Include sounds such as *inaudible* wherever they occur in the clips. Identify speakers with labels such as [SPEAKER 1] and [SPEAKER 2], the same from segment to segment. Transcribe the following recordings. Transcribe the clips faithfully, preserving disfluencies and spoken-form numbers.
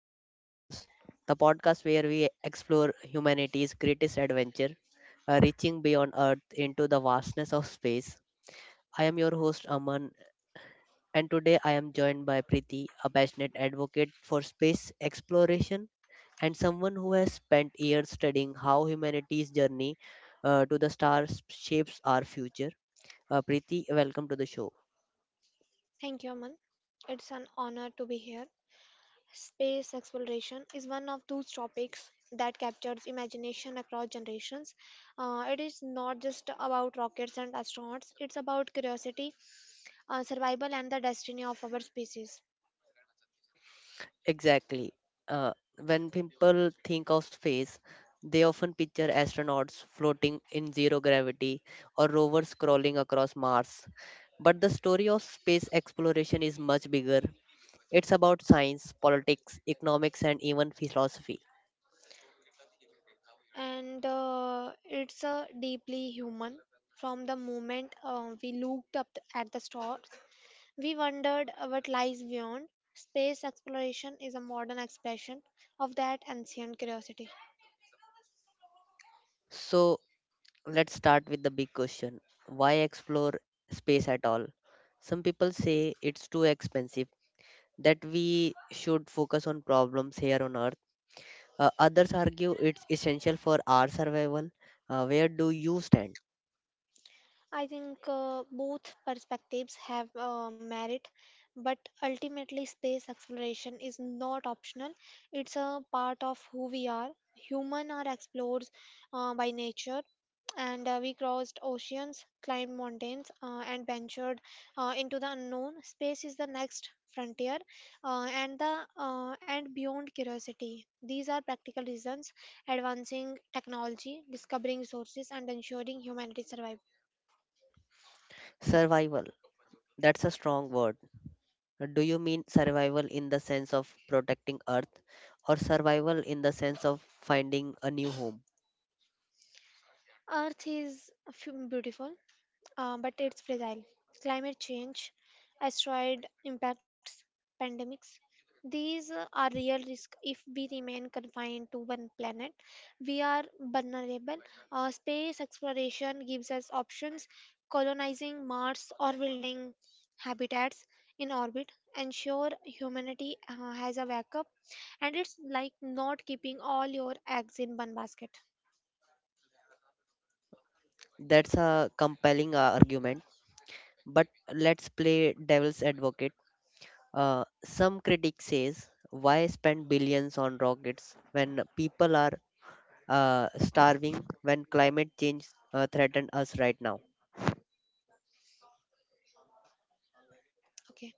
[SPEAKER 1] to our podcast, the podcast where we explore humanity's greatest adventure, uh, reaching beyond Earth into the vastness of space. I am your host, Aman, and today I am joined by Priti, a passionate advocate for space exploration and someone who has spent years studying how humanity's journey uh, to the stars shapes our future. Uh, Priti, welcome to the show.
[SPEAKER 2] Thank you, Aman. It's an honor to be here. Space exploration is one of those topics that captures imagination across generations. Uh, it is not just about rockets and astronauts, it's about curiosity, uh, survival, and the destiny of our species.
[SPEAKER 1] Exactly. Uh, when people think of space, they often picture astronauts floating in zero gravity or rovers crawling across Mars. But the story of space exploration is much bigger. It's about science, politics, economics, and even philosophy.
[SPEAKER 2] And uh, it's uh, deeply human. From the moment uh, we looked up th- at the stars, we wondered what lies beyond. Space exploration is a modern expression of that ancient curiosity.
[SPEAKER 1] So let's start with the big question, why explore space at all? Some people say it's too expensive, that we should focus on problems here on Earth. Uh, others argue it's essential for our survival. Uh, where do you stand?
[SPEAKER 2] I think uh, both perspectives have uh, merit, but ultimately, space exploration is not optional. It's a part of who we are. Human are explorers uh, by nature, and uh, we crossed oceans, climbed mountains, uh, and ventured uh, into the unknown. Space is the next frontier, uh, and the uh, and beyond curiosity. These are practical reasons: advancing technology, discovering resources, and ensuring humanity survival.
[SPEAKER 1] Survival. That's a strong word. Uh, Do you mean survival in the sense of protecting Earth or survival in the sense of finding a new home?
[SPEAKER 2] Earth is f- beautiful, uh, but it's fragile. Climate change, asteroid impacts, pandemics. These uh, are real risks if we remain confined to one planet. We are vulnerable. Uh, space exploration gives us options. Colonizing Mars or building habitats in orbit ensure humanity uh, has a backup, and it's like not keeping all your eggs in one basket.
[SPEAKER 1] That's a compelling uh, argument, but let's play devil's advocate. Uh, some critics says, why spend billions on rockets when people are uh, starving, when climate change uh, threatens us right now?
[SPEAKER 2] Okay.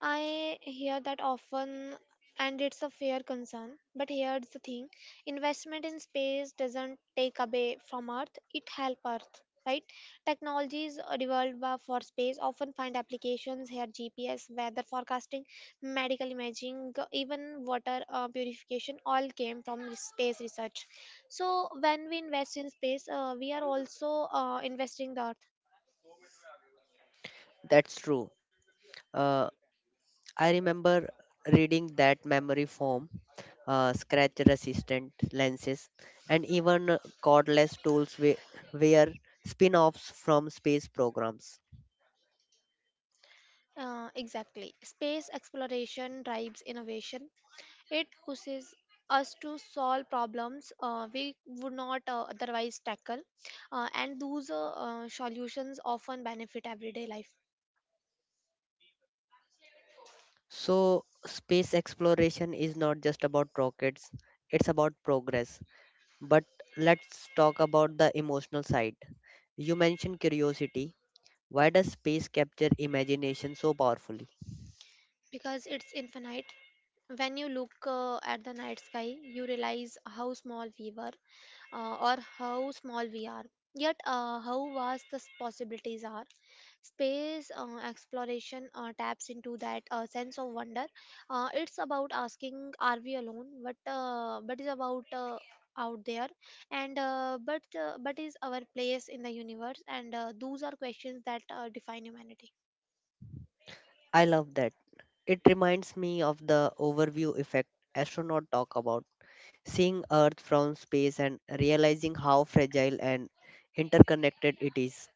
[SPEAKER 2] I hear that often and it's a fair concern. But here's the thing: investment in space doesn't take away from Earth, it helps Earth, right? Technologies uh, developed by- for space often find applications here: G P S, weather forecasting, medical imaging, g- even water uh, purification all came from re- space research. So when we invest in space, uh, we are also uh, investing the Earth.
[SPEAKER 1] That's true. Uh, I remember reading that memory foam, uh, scratch resistant lenses, and even uh, cordless tools we- were spin offs from space programs.
[SPEAKER 2] Uh, exactly. Space exploration drives innovation. It pushes us to solve problems uh, we would not uh, otherwise tackle, uh, and those uh, uh, solutions often benefit everyday life
[SPEAKER 1] So, space exploration is not just about rockets, it's about progress. But let's talk about the emotional side. You mentioned curiosity. Why does space capture imagination so powerfully?
[SPEAKER 2] because it's infinite. When you look uh, at the night sky, you realize how small we were, uh, or how small we are, yet, uh, how vast the s- possibilities are. Space uh, exploration uh, taps into that uh, sense of wonder. Uh, it's about asking, are we alone? What uh, what is about uh, out there, and uh, but uh, but is our place in the universe? And uh, those are questions that uh, define humanity.
[SPEAKER 1] I love that. It reminds me of the overview effect astronauts talk about, seeing Earth from space and realizing how fragile and interconnected it is.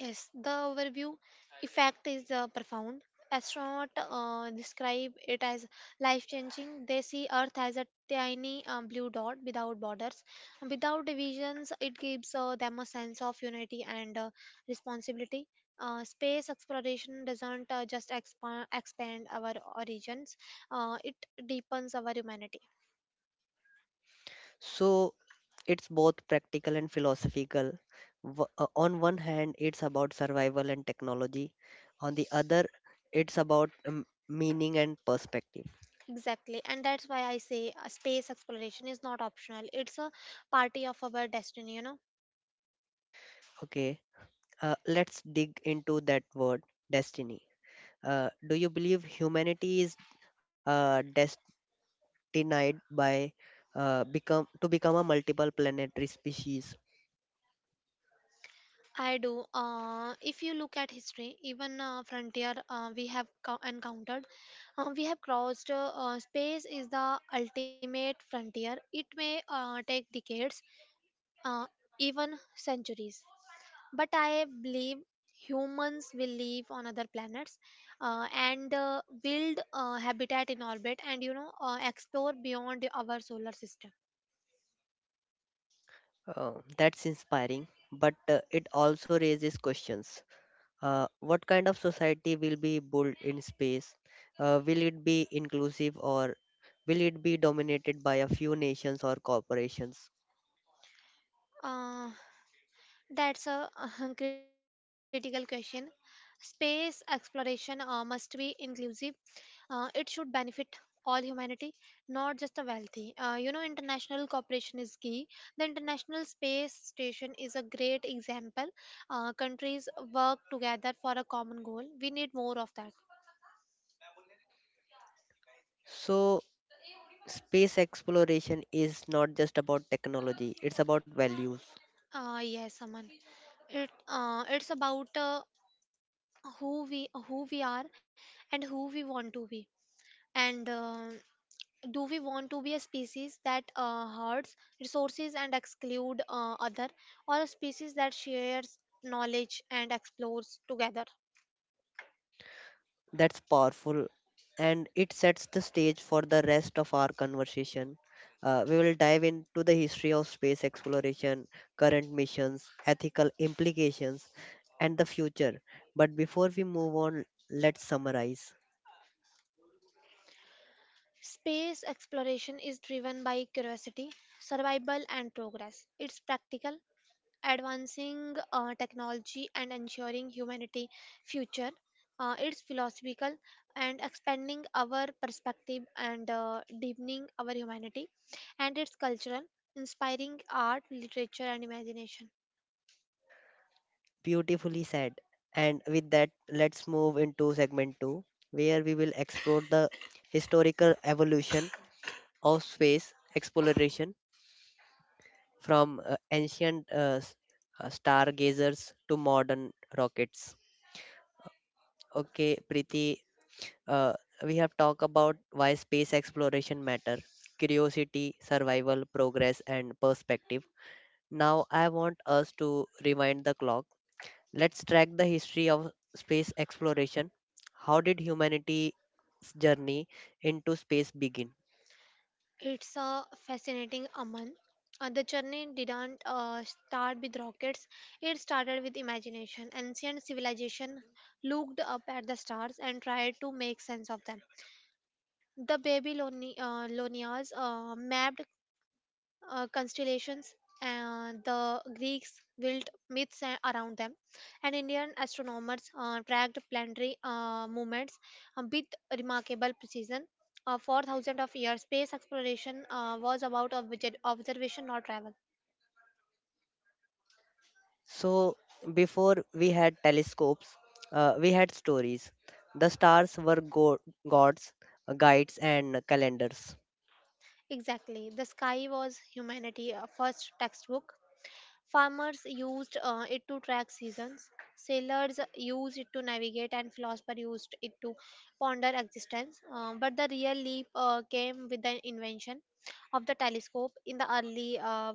[SPEAKER 2] Yes, the overview effect is uh, profound. Astronauts uh, describe it as life changing. They see Earth as a tiny um, blue dot without borders. And without divisions, it gives uh, them a sense of unity and uh, responsibility. Uh, space exploration doesn't uh, just expand, expand our origins, uh, it deepens our humanity.
[SPEAKER 1] So it's both practical and philosophical. W- uh, On one hand, it's about survival and technology. On the other, it's about um, meaning and perspective.
[SPEAKER 2] Exactly, and that's why I say uh, space exploration is not optional, it's a party of our destiny, you know.
[SPEAKER 1] Okay, uh, let's dig into that word, destiny. Uh, do you believe humanity is uh, destined by uh, become to become a multiple planetary species?
[SPEAKER 2] I do. Uh, if you look at history, even uh, frontier uh, we have co- encountered, uh, we have crossed. Uh, uh, space is the ultimate frontier. It may uh, take decades, uh, even centuries. But I believe humans will live on other planets uh, and uh, build uh, habitat in orbit and you know uh, explore beyond our solar system.
[SPEAKER 1] Uh, that's inspiring, but uh, it also raises questions. Uh, what kind of society will be built in space? Uh, will it be inclusive or will it be dominated by a few nations or corporations?
[SPEAKER 2] Uh, That's a *laughs* critical question. Space exploration uh, must be inclusive. Uh, it should benefit all humanity, not just the wealthy. Uh, you know, international cooperation is key. The International Space Station is a great example. Uh, countries work together for a common goal. We need more of that.
[SPEAKER 1] So, space exploration is not just about technology, it's about values.
[SPEAKER 2] Uh, yes, Aman. It uh, it's about uh, who we who we are and who we want to be. And uh, Do we want to be a species that uh, hoards resources and exclude uh, other, or a species that shares knowledge and explores together?
[SPEAKER 1] That's powerful, and it sets the stage for the rest of our conversation. Uh, we will dive into the history of space exploration, current missions, ethical implications, and the future. But before we move on, let's summarize.
[SPEAKER 2] Space exploration is driven by curiosity, survival, and progress. It's practical, advancing uh, technology and ensuring humanity future. Uh, it's philosophical and expanding our perspective and uh, deepening our humanity, and it's cultural, inspiring art, literature, and imagination.
[SPEAKER 1] Beautifully said. And with that, let's move into segment two, where we will explore the historical evolution of space exploration from uh, ancient uh, s- uh, stargazers to modern rockets. Okay, Preeti, uh, we have talked about why space exploration matter, curiosity, survival, progress, and perspective. Now I want us to rewind the clock. Let's track the history of space exploration. How did humanity's journey into space begin?
[SPEAKER 2] It's a fascinating, Aman. Uh, the journey didn't uh, start with rockets. It started with imagination. Ancient civilization looked up at the stars and tried to make sense of them. The Babyloni- uh, Babylonians uh, mapped uh, constellations, and the Greeks built myths a- around them, and Indian astronomers uh, tracked planetary uh, movements uh, with remarkable precision. Uh, for thousands of years, space exploration uh, was about obje- observation, not travel.
[SPEAKER 1] So, before we had telescopes, uh, we had stories. The stars were go- gods, guides, and calendars.
[SPEAKER 2] Exactly. The sky was humanity' uh, first textbook. Farmers used uh, it to track seasons, sailors used it to navigate, and philosophers used it to ponder existence. Uh, but the real leap uh, came with the invention of the telescope in the early uh,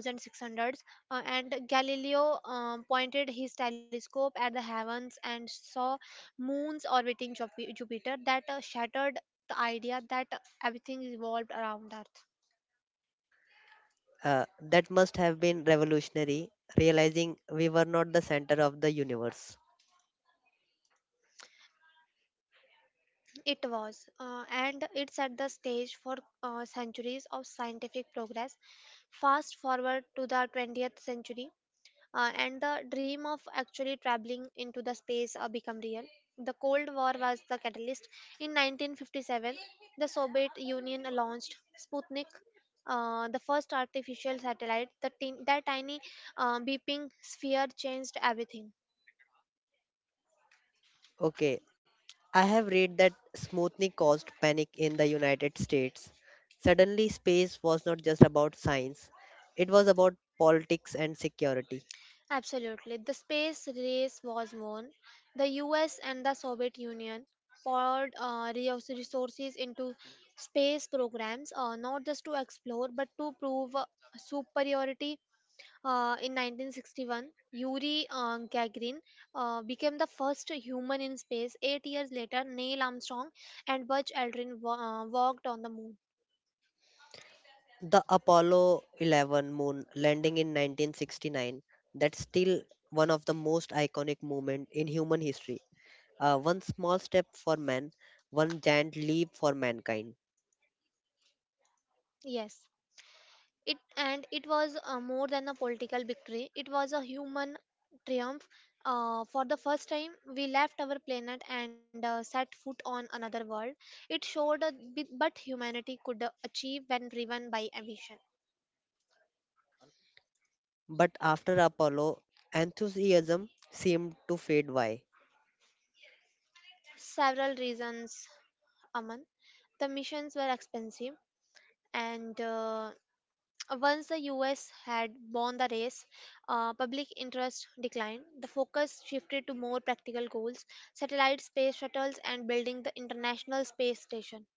[SPEAKER 2] sixteen hundreds, uh, and Galileo um, pointed his telescope at the heavens and saw moons orbiting Jupi- Jupiter that uh, shattered the idea that everything revolved around Earth.
[SPEAKER 1] Uh, that must have been revolutionary, realizing we were not the center of the universe.
[SPEAKER 2] It was, uh, and it set the stage for uh, centuries of scientific progress. Fast forward to the twentieth century, uh, and the dream of actually traveling into the space uh, become real. The Cold War was the catalyst. In nineteen fifty-seven, the Soviet Union launched Sputnik, uh, the first artificial satellite. The tin that tiny uh, beeping sphere changed everything.
[SPEAKER 1] Okay, I have read that Smoothly caused panic in the United States. Suddenly, space was not just about science, it was about politics and security.
[SPEAKER 2] Absolutely. The space race was won. The U S and the Soviet Union poured uh, reous- resources into space programs, uh, not just to explore but to prove uh, superiority. Uh, in nineteen sixty-one, Yuri uh, Gagarin uh, became the first human in space. Eight years later, Neil Armstrong and Buzz Aldrin wa- uh, walked on the moon.
[SPEAKER 1] The Apollo eleven moon landing in nineteen sixty-nine, that's still one of the most iconic moments in human history. Uh, one small step for man, one giant leap for mankind.
[SPEAKER 2] Yes. It and it was uh, more than a political victory. It was a human triumph. Uh, for the first time, we left our planet and uh, set foot on another world. It showed a bit, but humanity could uh, achieve when driven by ambition.
[SPEAKER 1] But after Apollo, enthusiasm seemed to fade. Why?
[SPEAKER 2] Several reasons, Aman. The missions were expensive and uh, once the U S had won the race, uh, public interest declined. The focus shifted to more practical goals: satellite space shuttles and building the International Space Station.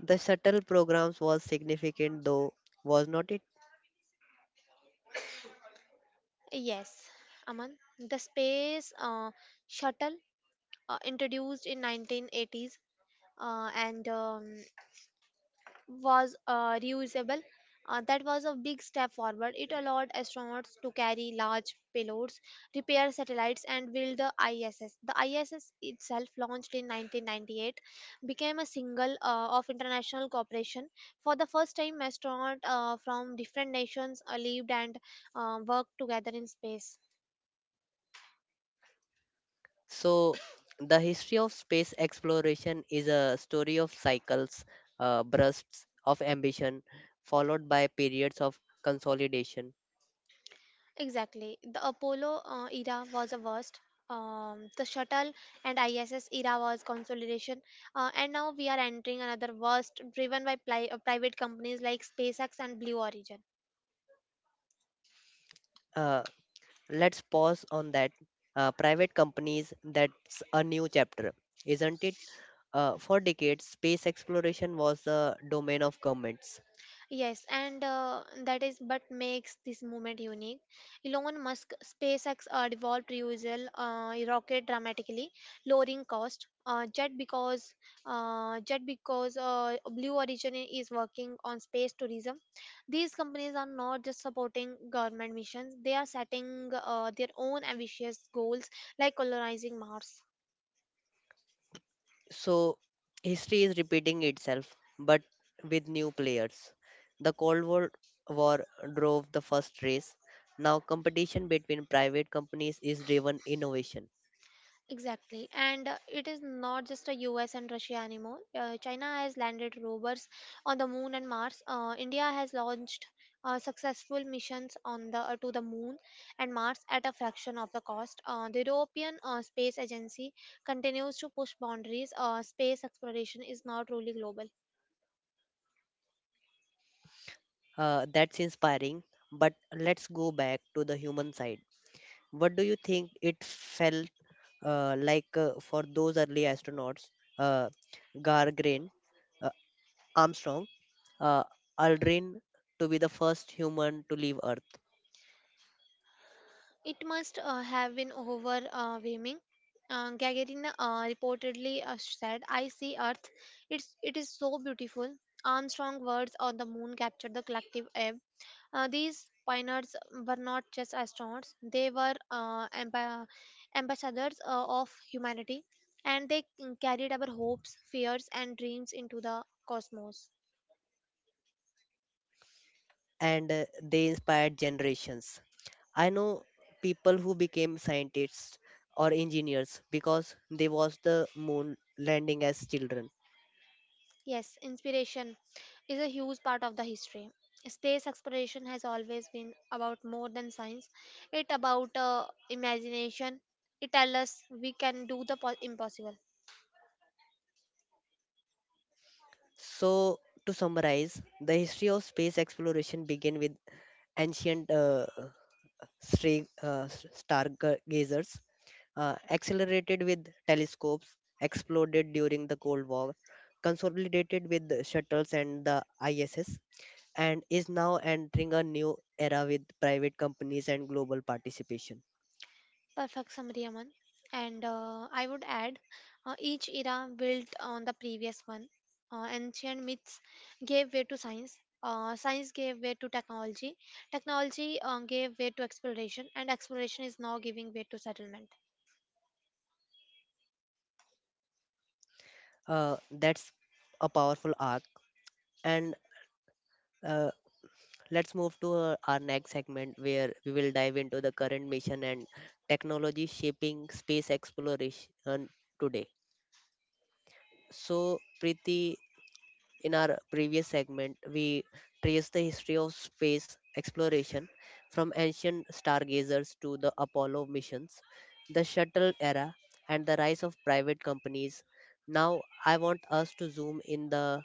[SPEAKER 1] The shuttle programs was significant though, was not?
[SPEAKER 2] Yes, Aman, the space uh, shuttle, uh, introduced in nineteen eighties uh, and um, was uh, reusable. Uh, that was a big step forward. It allowed astronauts to carry large payloads, repair satellites, and build the I S S. The I S S itself, launched in nineteen ninety-eight, became a single uh, of international cooperation. For the first time, astronauts uh, from different nations uh, lived and uh, worked together in space.
[SPEAKER 1] So, the history of space exploration is a story of cycles, uh, bursts of ambition, followed by periods of consolidation.
[SPEAKER 2] Exactly. The Apollo uh, era was the worst. Um, the shuttle and I S S era was consolidation. Uh, and now we are entering another worst driven by pli- uh, private companies like SpaceX and Blue Origin.
[SPEAKER 1] Uh, let's pause on that. Uh, private companies, that's a new chapter, isn't it? Uh, for decades, space exploration was the domain of governments.
[SPEAKER 2] Yes, and uh, that is what makes this movement unique. Elon Musk, SpaceX uh, devolved reusable uh, rocket dramatically, lowering cost. Uh, just because, uh, just because uh, Blue Origin is working on space tourism, these companies are not just supporting government missions; they are setting uh, their own ambitious goals, like colonizing Mars.
[SPEAKER 1] So history is repeating itself, but with new players. The Cold War War drove the first race. Now competition between private companies is driven innovation.
[SPEAKER 2] Exactly. And uh, it is not just the U S and Russia anymore. Uh, China has landed rovers on the moon and Mars. Uh, India has launched uh, successful missions on the uh, to the moon and Mars at a fraction of the cost. Uh, the European uh, Space Agency continues to push boundaries. Uh, space exploration is now truly global.
[SPEAKER 1] Uh, that's inspiring, but let's go back to the human side. What do you think it felt uh, like uh, for those early astronauts, uh, Gargrain, uh, Armstrong, uh, Aldrin, to be the first human to leave Earth,
[SPEAKER 2] It must uh, have been overwhelming. Uh, Gagarin uh, reportedly uh, said, "I see Earth. It's it is so beautiful." Armstrong words on the moon captured the collective ebb. Uh, these pioneers were not just astronauts; they were uh, amba- ambassadors uh, of humanity, and they carried our hopes, fears, and dreams into the cosmos.
[SPEAKER 1] and uh, they inspired generations. I know people who became scientists or engineers because they watched the moon landing as children.
[SPEAKER 2] Yes, inspiration is a huge part of the history. Space exploration has always been about more than science. It about uh, imagination. It tells us we can do the po- impossible.
[SPEAKER 1] So, to summarize, the history of space exploration began with ancient uh, stra- uh, s- stargazers, uh, accelerated with telescopes, exploded during the Cold War, consolidated with the shuttles and the I S S, and is now entering a new era with private companies and global participation.
[SPEAKER 2] Perfect summary, Aman. And uh, I would add, uh, each era built on the previous one. Uh, ancient myths gave way to science. Uh, science gave way to technology. Technology uh, gave way to exploration, and exploration is now giving way to settlement.
[SPEAKER 1] Uh, that's a powerful arc. And uh, let's move to uh, our next segment where we will dive into the current mission and technology shaping space exploration today. So, Preeti, in our previous segment, we traced the history of space exploration from ancient stargazers to the Apollo missions, the shuttle era, and the rise of private companies. Now, I want us to zoom in the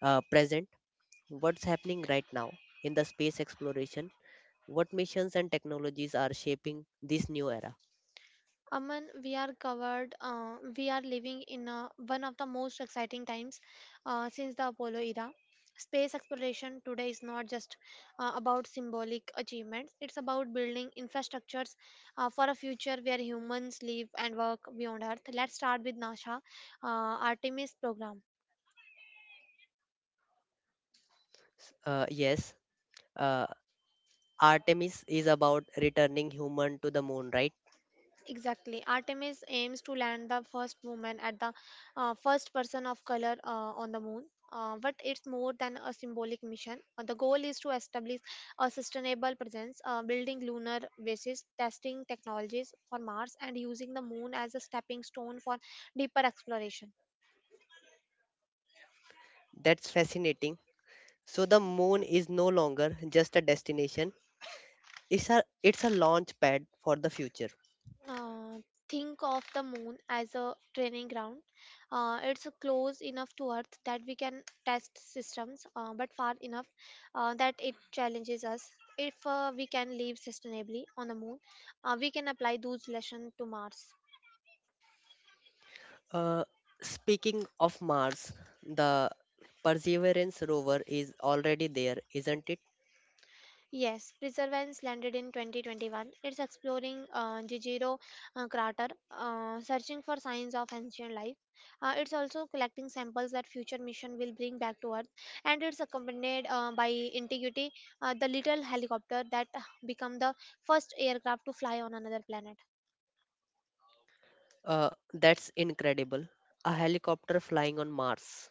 [SPEAKER 1] uh, present, what's happening right now in the space exploration, what missions and technologies are shaping this new era.
[SPEAKER 2] Aman, we are covered. Uh, we are living in uh, one of the most exciting times uh, since the Apollo era. Space exploration today is not just uh, about symbolic achievements, it's about building infrastructures uh, for a future where humans live and work beyond Earth. Let's start with NASA uh, Artemis program.
[SPEAKER 1] S- Uh, yes, uh, Artemis is about returning human to the moon, right?
[SPEAKER 2] Exactly. Artemis aims to land the first woman at the uh, first person of color uh, on the moon. Uh, but it's more than a symbolic mission. Uh, the goal is to establish a sustainable presence, uh, building lunar bases, testing technologies for Mars, and using the moon as a stepping stone for deeper exploration.
[SPEAKER 1] That's fascinating. So the moon is no longer just a destination; it's a it's a launch pad for the future.
[SPEAKER 2] Uh, think of the moon as a training ground. Uh, it's close enough to Earth that we can test systems, uh, but far enough uh, that it challenges us. If uh, we can live sustainably on the moon, uh, we can apply those lessons to Mars.
[SPEAKER 1] Uh, Speaking of Mars, the Perseverance rover is already there, isn't it?
[SPEAKER 2] Yes, Perseverance landed in twenty twenty-one. It's exploring uh, Jijiro uh, crater, uh, searching for signs of ancient life. Uh, it's also collecting samples that future mission will bring back to Earth, and it's accompanied uh, by Integrity, uh, the little helicopter that uh, become the first aircraft to fly on another planet.
[SPEAKER 1] Uh, that's incredible. A helicopter flying on Mars.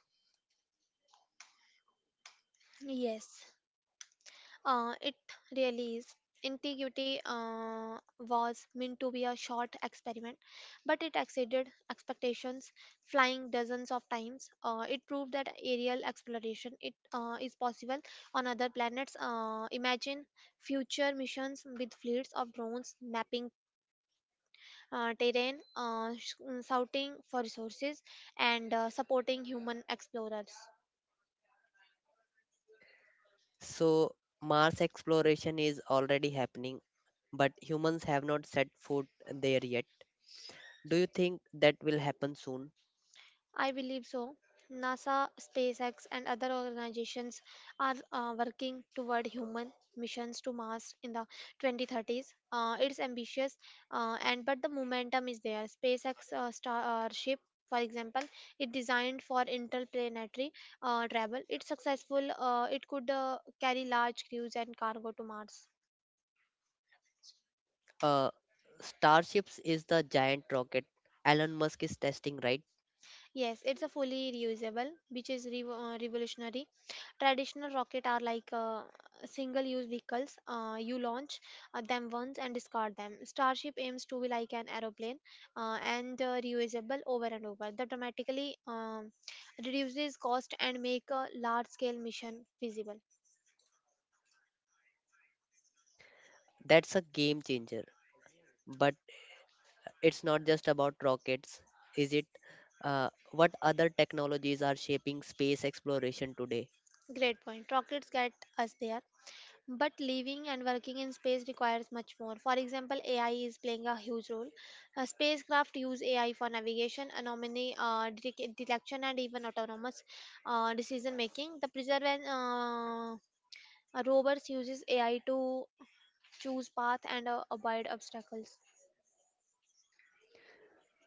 [SPEAKER 2] Yes. Uh, it really is. Integrity uh, was meant to be a short experiment, but it exceeded expectations, flying dozens of times. Uh, it proved that aerial exploration it uh, is possible on other planets. Uh, imagine future missions with fleets of drones mapping uh, terrain, uh, sh- shouting for resources, and uh, supporting human explorers.
[SPEAKER 1] So, Mars exploration is already happening, but humans have not set foot there yet. Do you think that will happen soon?
[SPEAKER 2] I believe so. NASA, SpaceX, and other organizations are uh, working toward human missions to Mars in the twenty thirties. Uh, it's ambitious, uh, and but the momentum is there. SpaceX uh, Starship, for example, it designed for interplanetary uh, travel. It's successful. Uh, it could uh, carry large crews and cargo to Mars.
[SPEAKER 1] Uh, Starships is the giant rocket Elon Musk is testing, right?
[SPEAKER 2] Yes, it's a fully reusable, which is revo uh, revolutionary. Traditional rocket are like uh, single-use vehicles. Uh, you launch uh, them once and discard them. Starship aims to be like an aeroplane uh, and uh, reusable over and over. That dramatically um, reduces cost and make a large-scale mission feasible.
[SPEAKER 1] That's a game changer. But it's not just about rockets, is it? Uh, what other technologies are shaping space exploration today?
[SPEAKER 2] Great point. Rockets get us there, but living and working in space requires much more. For example, A I is playing a huge role. Uh, spacecraft use A I for navigation, anomaly uh, detec- detection, and even autonomous uh, decision making. The Perseverance uh, rovers uses A I to choose path and uh, avoid obstacles.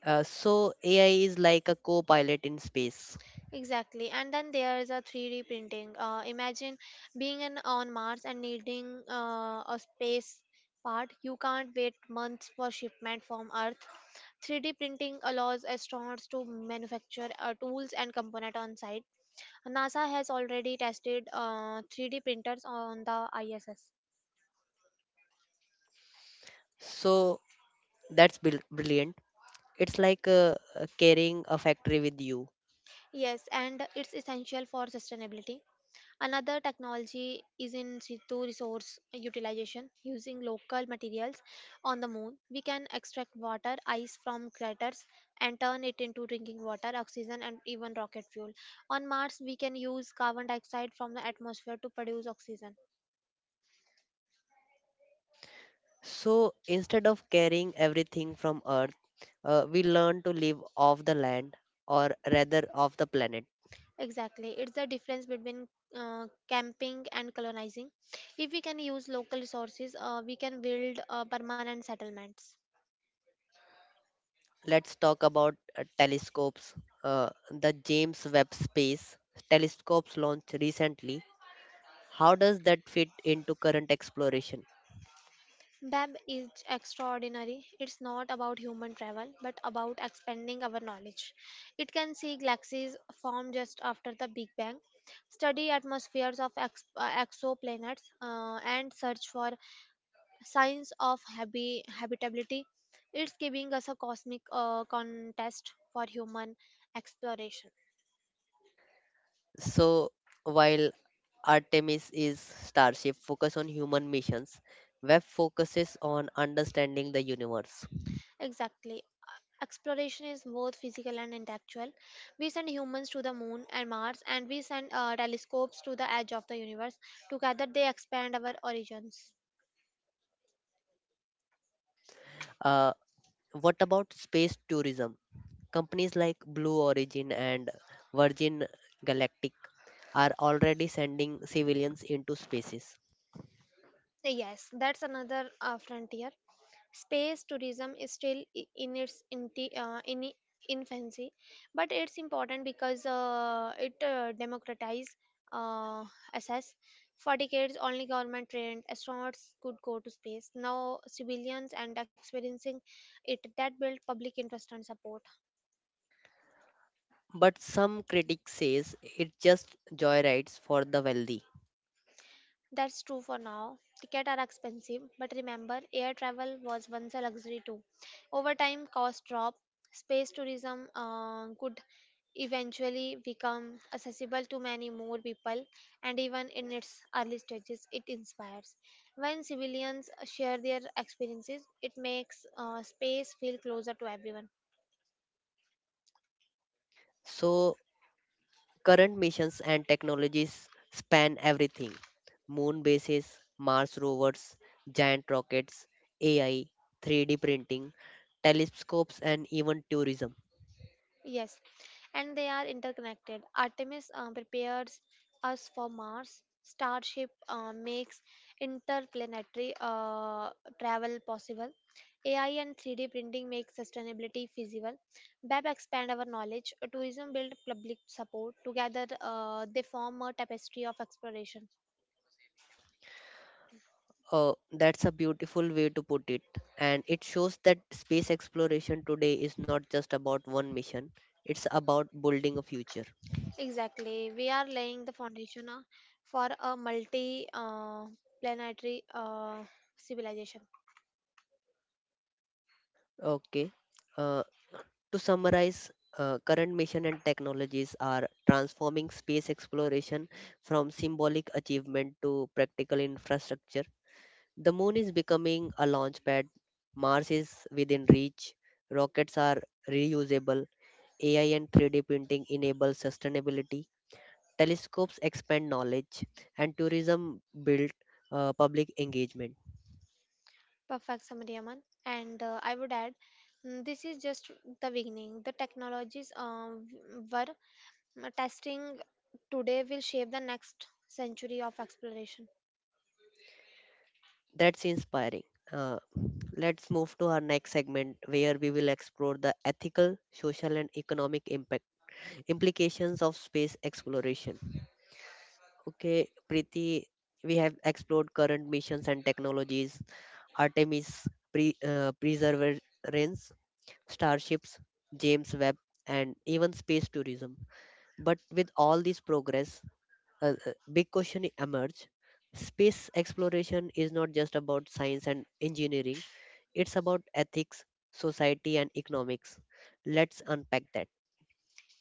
[SPEAKER 1] Uh, so A I is like a co-pilot in space.
[SPEAKER 2] Exactly. And then there is a three D printing. Uh, imagine being an, on Mars and needing uh, a space part. You can't wait months for shipment from Earth. three D printing allows astronauts to manufacture uh, tools and component on site. NASA has already tested uh, three D printers on the I S S.
[SPEAKER 1] So that's br- brilliant. It's like uh, uh, carrying a factory with you.
[SPEAKER 2] Yes, and it's essential for sustainability. Another technology is in situ resource utilization. Using local materials on the moon, we can extract water, ice from craters, and turn it into drinking water, oxygen, and even rocket fuel. On Mars, we can use carbon dioxide from the atmosphere to produce oxygen.
[SPEAKER 1] So instead of carrying everything from Earth, uh, we learn to live off the land or rather off the planet.
[SPEAKER 2] Exactly, it's the difference between uh, camping and colonizing. If we can use local resources, uh, we can build uh, permanent settlements.
[SPEAKER 1] Let's talk about uh, telescopes. Uh, the James Webb Space Telescope's launched recently. How does that fit into current exploration?
[SPEAKER 2] B A B is extraordinary. It's not about human travel, but about expanding our knowledge. It can see galaxies form just after the Big Bang, study atmospheres of ex- uh, exoplanets, uh, and search for signs of habi- habitability. It's giving us a cosmic uh, contest for human exploration.
[SPEAKER 1] So while Artemis is Starship focus on human missions, Webb focuses on understanding the universe.
[SPEAKER 2] Exactly. Exploration is both physical and intellectual. We send humans to the moon and Mars, and we send uh, telescopes to the edge of the universe. Together, they expand our origins.
[SPEAKER 1] Uh, what about space tourism? Companies like Blue Origin and Virgin Galactic are already sending civilians into spaces.
[SPEAKER 2] Yes, that's another uh, frontier. Space tourism is still i- in its inti- uh, in i- infancy, but it's important because uh, it uh, democratizes uh, access. For decades, only government-trained astronauts could go to space. Now, civilians and experiencing it that built public interest and support.
[SPEAKER 1] But some critics says it just joyrides for the wealthy.
[SPEAKER 2] That's true for now. Tickets are expensive, but remember, air travel was once a luxury too. Over time, costs drop. Space tourism uh, could eventually become accessible to many more people, and even in its early stages, it inspires. When civilians share their experiences, it makes uh, space feel closer to everyone.
[SPEAKER 1] So current missions and technologies span everything. Moon bases, Mars rovers, giant rockets, A I, three D printing, telescopes, and even tourism.
[SPEAKER 2] Yes, and they are interconnected. Artemis uh, prepares us for Mars. Starship uh, makes interplanetary uh, travel possible. A I and three D printing make sustainability feasible. B E P expand our knowledge. Tourism build public support. Together, uh, they form a tapestry of exploration.
[SPEAKER 1] Uh, that's a beautiful way to put it. And it shows that space exploration today is not just about one mission, it's about building a future.
[SPEAKER 2] Exactly. We are laying the foundation uh, for a multi uh, planetary uh, civilization.
[SPEAKER 1] Okay. Uh, to summarize, uh, current mission and technologies are transforming space exploration from symbolic achievement to practical infrastructure. The moon is becoming a launch pad, Mars is within reach, rockets are reusable, A I and three D printing enable sustainability. Telescopes expand knowledge, and tourism build uh, public engagement.
[SPEAKER 2] Perfect, Samadhyaman. And uh, I would add, mm, this is just the beginning. The technologies uh, w- were uh, testing today will shape the next century of exploration.
[SPEAKER 1] That's inspiring. Uh, let's move to our next segment where we will explore the ethical, social, and economic impact implications of space exploration. Okay, Preeti, we have explored current missions and technologies, Artemis, pre, uh, Perseverance, starships, James Webb, and even space tourism. But with all this progress, a a big question emerged. Space exploration is not just about science and engineering, it's about ethics, society, and economics. Let's unpack that.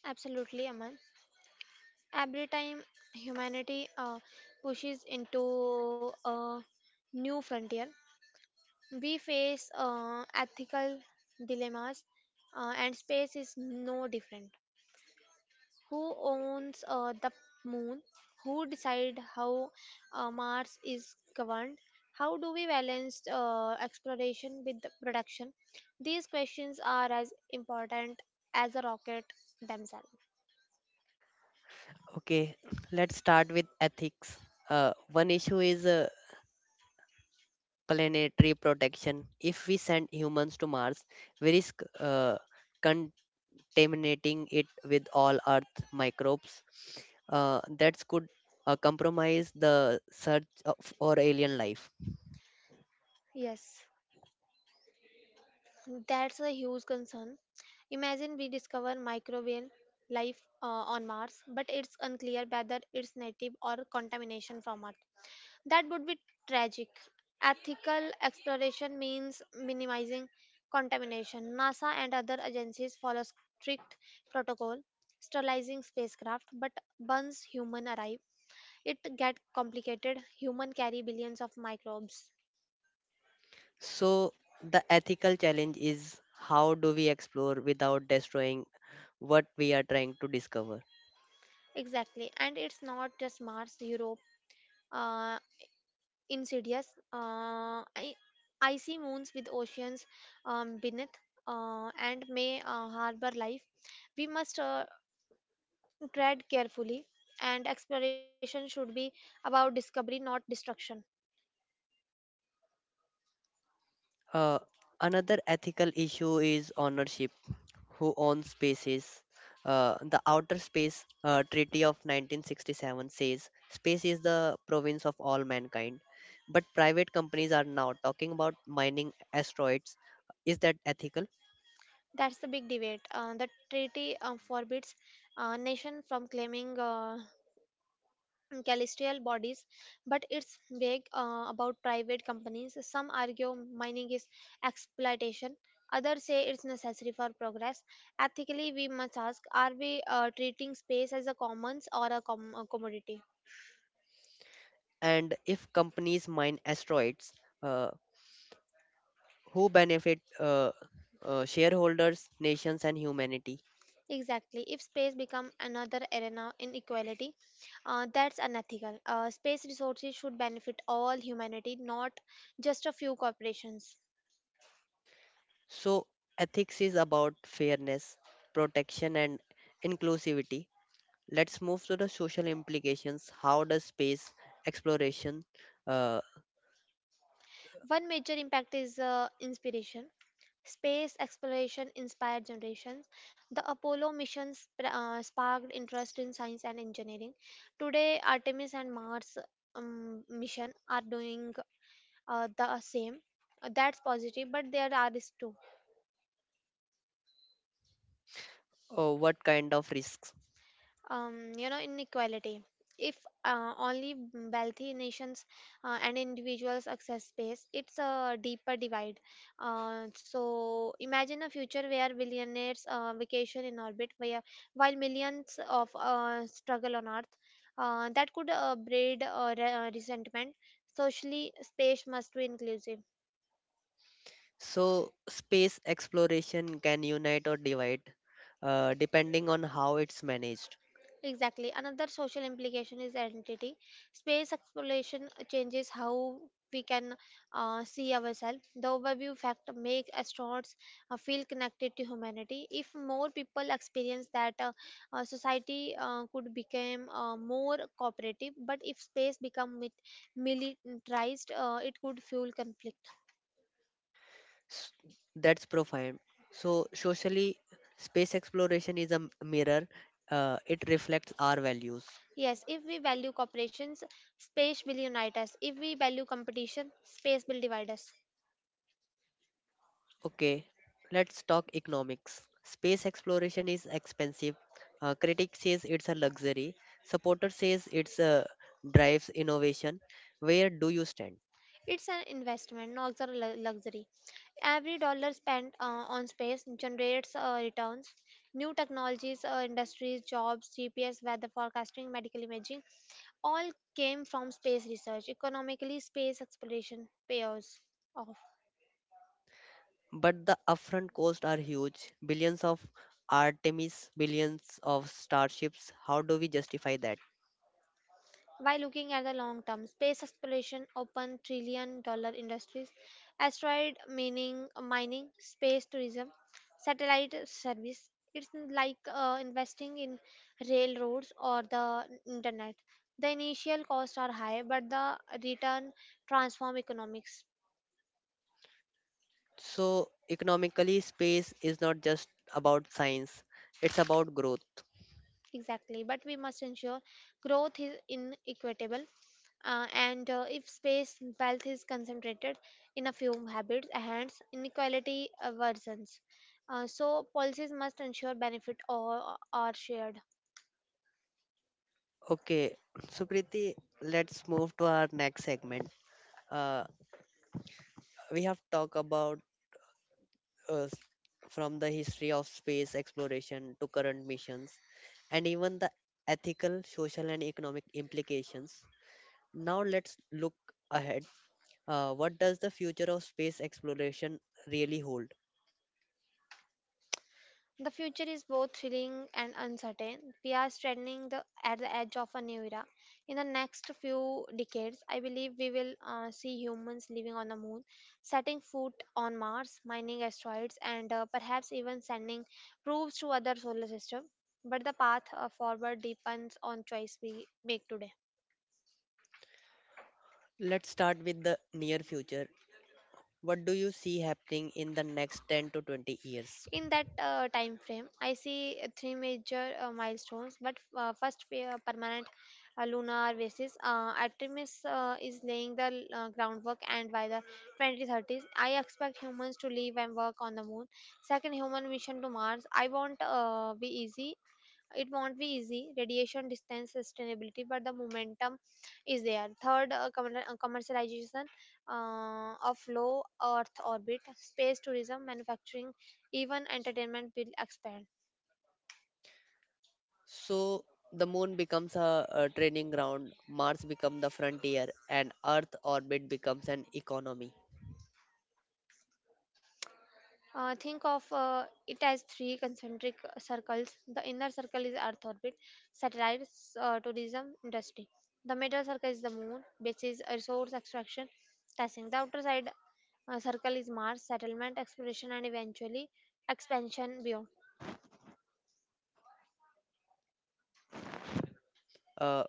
[SPEAKER 2] Absolutely, Aman. Every time humanity uh, pushes into a new frontier, we face uh, ethical dilemmas, uh, and space is no different. Who owns uh, the moon? Who decide how uh, Mars is governed? How do we balance uh, exploration with the production? These questions are as important as the rocket themselves.
[SPEAKER 1] Okay, let's start with ethics. Uh, one issue is uh, planetary protection. If we send humans to Mars, we risk uh, contaminating it with all Earth microbes. Uh, that could uh, compromise the search of, for alien life.
[SPEAKER 2] Yes, that's a huge concern. Imagine we discover microbial life uh, on Mars, but it's unclear whether it's native or contamination from Earth. That would be tragic. Ethical exploration means minimizing contamination. NASA and other agencies follow strict protocol, sterilizing spacecraft, but once human arrive, it get complicated. Human carry billions of microbes.
[SPEAKER 1] So, the ethical challenge is, how do we explore without destroying what we are trying to discover?
[SPEAKER 2] Exactly, and it's not just Mars, Europe, uh, insidious. Uh, I- icy moons with oceans um, beneath uh, and may uh, harbor life. We must uh, tread carefully and exploration should be about discovery not destruction.
[SPEAKER 1] Uh, Another ethical issue is ownership. Who owns spaces? Uh, the Outer Space uh, Treaty of nineteen sixty-seven says space is the province of all mankind. But private companies are now talking about mining asteroids. Is that ethical?
[SPEAKER 2] That's the big debate. Uh, the treaty uh, forbids uh, nation from claiming uh, celestial bodies, but it's vague uh, about private companies. Some argue mining is exploitation, others say it's necessary for progress. Ethically, we must ask, are we uh, treating space as a commons or a, com- a commodity?
[SPEAKER 1] And if companies mine asteroids, uh, who benefit uh, uh, shareholders, nations, and humanity.
[SPEAKER 2] Exactly. If space become another arena in equality, uh, that's unethical. Uh, space resources should benefit all humanity, not just a few corporations.
[SPEAKER 1] So, ethics is about fairness, protection, and inclusivity. Let's move to the social implications. How does space exploration, uh,
[SPEAKER 2] One major impact is uh, inspiration. Space exploration inspired generations. The Apollo missions pr- uh, sparked interest in science and engineering. Today, Artemis and Mars um, mission are doing uh, the same. Uh, That's positive, but there are risks too.
[SPEAKER 1] or what kind of risks?
[SPEAKER 2] um, you know inequality, if uh, only wealthy nations uh, and individuals access space, it's a deeper divide. Uh, so imagine a future where billionaires uh, vacation in orbit, where, while millions of uh, struggle on earth. Uh, that could uh, breed uh, re- uh, resentment. Socially, space must be inclusive.
[SPEAKER 1] So, space exploration can unite or divide uh, depending on how it's managed.
[SPEAKER 2] Exactly. Another social implication is identity. Space exploration changes how we can uh, see ourselves. The overview fact makes astronauts uh, feel connected to humanity. If more people experience that, uh, uh, society uh, could become uh, more cooperative. But if space become mit- militarized, uh, it could fuel conflict.
[SPEAKER 1] S- That's profound. So, socially, space exploration is a m- mirror, uh, it reflects our values.
[SPEAKER 2] Yes, if we value cooperations, space will unite us. If we value competition, space will divide us.
[SPEAKER 1] Okay, let's talk economics. Space exploration is expensive. Uh, critics says it's a luxury. Supporter says it's uh, drives innovation. Where do you stand?
[SPEAKER 2] It's an investment, not a lu- luxury. Every dollar spent uh, on space generates uh, returns. New technologies, uh, industries, jobs, G P S, weather forecasting, medical imaging, all came from space research. Economically, space exploration pays off.
[SPEAKER 1] But the upfront costs are huge, billions of Artemis, billions of starships. How do we justify that?
[SPEAKER 2] By looking at the long term, space exploration open trillion dollar industries, asteroid mining, mining, space tourism, satellite service. It's like uh, investing in railroads or the internet. The initial costs are high, but the return transform economics.
[SPEAKER 1] So, economically, space is not just about science, it's about growth.
[SPEAKER 2] Exactly, but we must ensure growth is inequitable, uh, and uh, if space wealth is concentrated in a few habits hands, inequality uh, worsens. Uh, so policies must ensure benefit or are shared.
[SPEAKER 1] Okay, Supriti, let's move to our next segment. Uh, we have talked about uh, s- from the history of space exploration to current missions and even the ethical, social, and economic implications. Now let's look ahead. Uh, what does the future of space exploration really hold?
[SPEAKER 2] The future is both thrilling and uncertain. We are standing the, at the edge of a new era. In the next few decades, I believe we will uh, see humans living on the moon, setting foot on Mars, mining asteroids, and uh, perhaps even sending probes to other solar systems. But the path uh, forward depends on choice we make today.
[SPEAKER 1] Let's start with the near future. What do you see happening in the next ten to twenty years?
[SPEAKER 2] In that uh, time frame, I see uh, three major uh, milestones. But uh, first, we, uh, permanent uh, lunar basis. Uh, Artemis uh, is laying the uh, groundwork, and by the twenty thirties, I expect humans to live and work on the moon. Second, human mission to Mars. I won't uh, be easy it won't be easy, radiation, distance, sustainability, but the momentum is there. Third, uh, commer- uh, commercialization uh, of low earth orbit, space tourism, manufacturing, even entertainment will expand.
[SPEAKER 1] So, the moon becomes a, a training ground, Mars becomes the frontier, and Earth orbit becomes an economy.
[SPEAKER 2] Uh, think of uh, it as three concentric circles. The inner circle is Earth orbit, satellites, uh, tourism, industry. The middle circle is the moon, bases, is resource extraction, testing. The outer side uh, circle is Mars, settlement, exploration, and eventually expansion beyond.
[SPEAKER 1] Uh,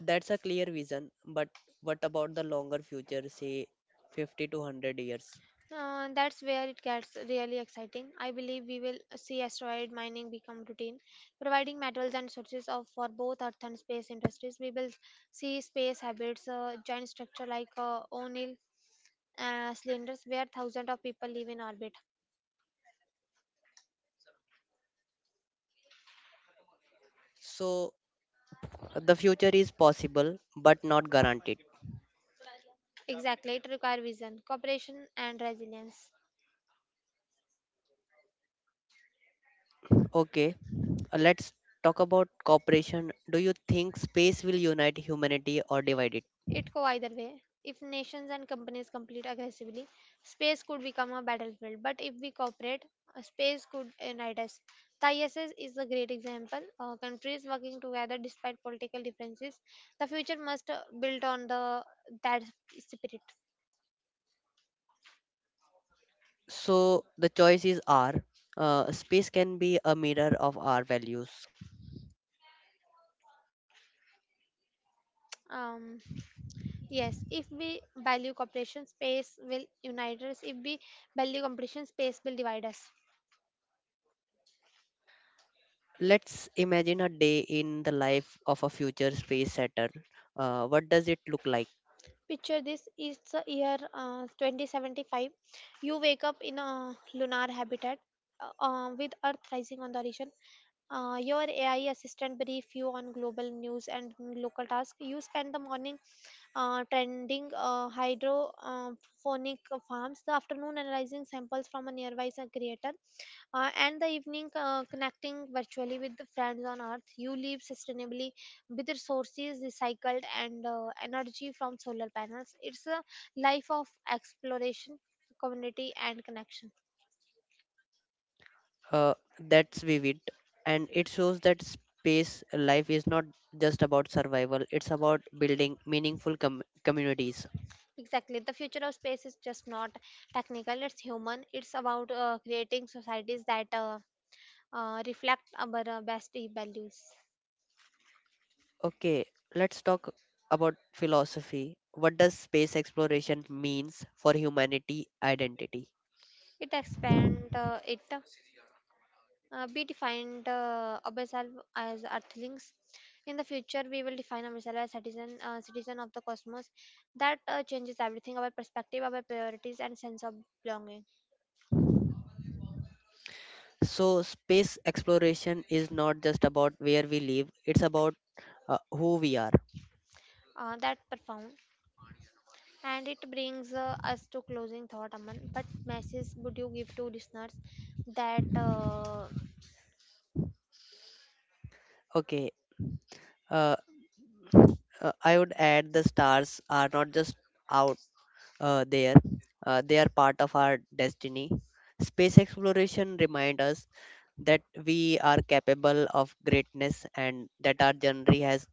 [SPEAKER 1] That's a clear vision, but what about the longer future, say fifty to one hundred years?
[SPEAKER 2] Uh, that's where it gets really exciting. I believe we will see asteroid mining become routine, providing metals and sources of for both Earth and space industries. We will see space habits, uh, giant structure like uh, O'Neill uh, cylinders, where thousands of people live in orbit.
[SPEAKER 1] So, the future is possible, but not guaranteed.
[SPEAKER 2] Exactly, it requires vision, cooperation, and resilience.
[SPEAKER 1] Okay, uh, let's talk about cooperation. Do you think space will unite humanity or divide it?
[SPEAKER 2] It go either way. If nations and companies compete aggressively, space could become a battlefield. But if we cooperate, uh, space could unite us. The I S S is a great example. Uh, countries working together despite political differences. The future must uh, build on the that spirit.
[SPEAKER 1] So, the choices are, uh, space can be a mirror of our values.
[SPEAKER 2] Um, yes, if we value cooperation, space will unite us. If we value competition, space will divide us.
[SPEAKER 1] Let's imagine a day in the life of a future space settler. Uh, what does it look like?
[SPEAKER 2] Picture this. It's the year uh, twenty seventy-five. You wake up in a lunar habitat uh, uh, with Earth rising on the horizon. Uh, your A I assistant brief you on global news and local tasks. You spend the morning uh, tending uh, hydrophonic farms, the afternoon analyzing samples from a nearby uh, creator, uh, and the evening uh, connecting virtually with the friends on earth. You live sustainably with resources recycled and uh, energy from solar panels. It's a life of exploration, community, and connection.
[SPEAKER 1] Uh, that's vivid, and it shows that space life is not just about survival, it's about building meaningful com- communities.
[SPEAKER 2] Exactly, the future of space is just not technical, it's human. It's about uh, creating societies that uh, uh, reflect our uh, best values.
[SPEAKER 1] Okay, let's talk about philosophy. What does space exploration means for humanity identity?
[SPEAKER 2] It expand uh, it Uh, we defined uh, ourselves as earthlings. In the future, we will define ourselves as citizen, uh, citizen of the cosmos. That uh, changes everything: our perspective, our priorities, and sense of belonging.
[SPEAKER 1] So, space exploration is not just about where we live, it's about uh, who we are.
[SPEAKER 2] Uh, that profound, and it brings uh, us to closing thought, Aman. But message would you give to listeners that? Uh,
[SPEAKER 1] Okay, uh, uh, I would add, the stars are not just out. Uh, there. Uh, they are part of our destiny. Space exploration reminds us that we are capable of greatness and that our journey has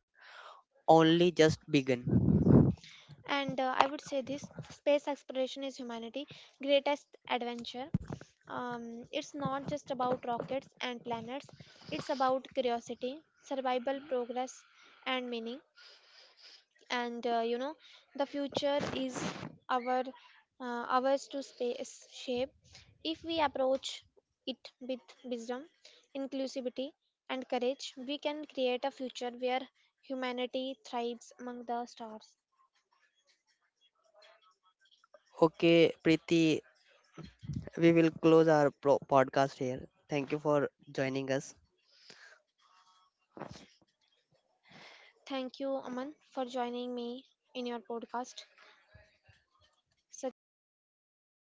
[SPEAKER 1] only just begun.
[SPEAKER 2] and uh, I would say this: space exploration is humanity' greatest adventure. Um, it's not just about rockets and planets, it's about curiosity, survival, progress, and meaning. And uh, you know, the future is our uh, ours to space shape if we approach it with wisdom, inclusivity, and courage. We can create a future where humanity thrives among the stars.
[SPEAKER 1] Okay, Preeti, we will close our pro- podcast here. Thank you for joining us.
[SPEAKER 2] Thank you, Aman, for joining me in your podcast. Such a great uh,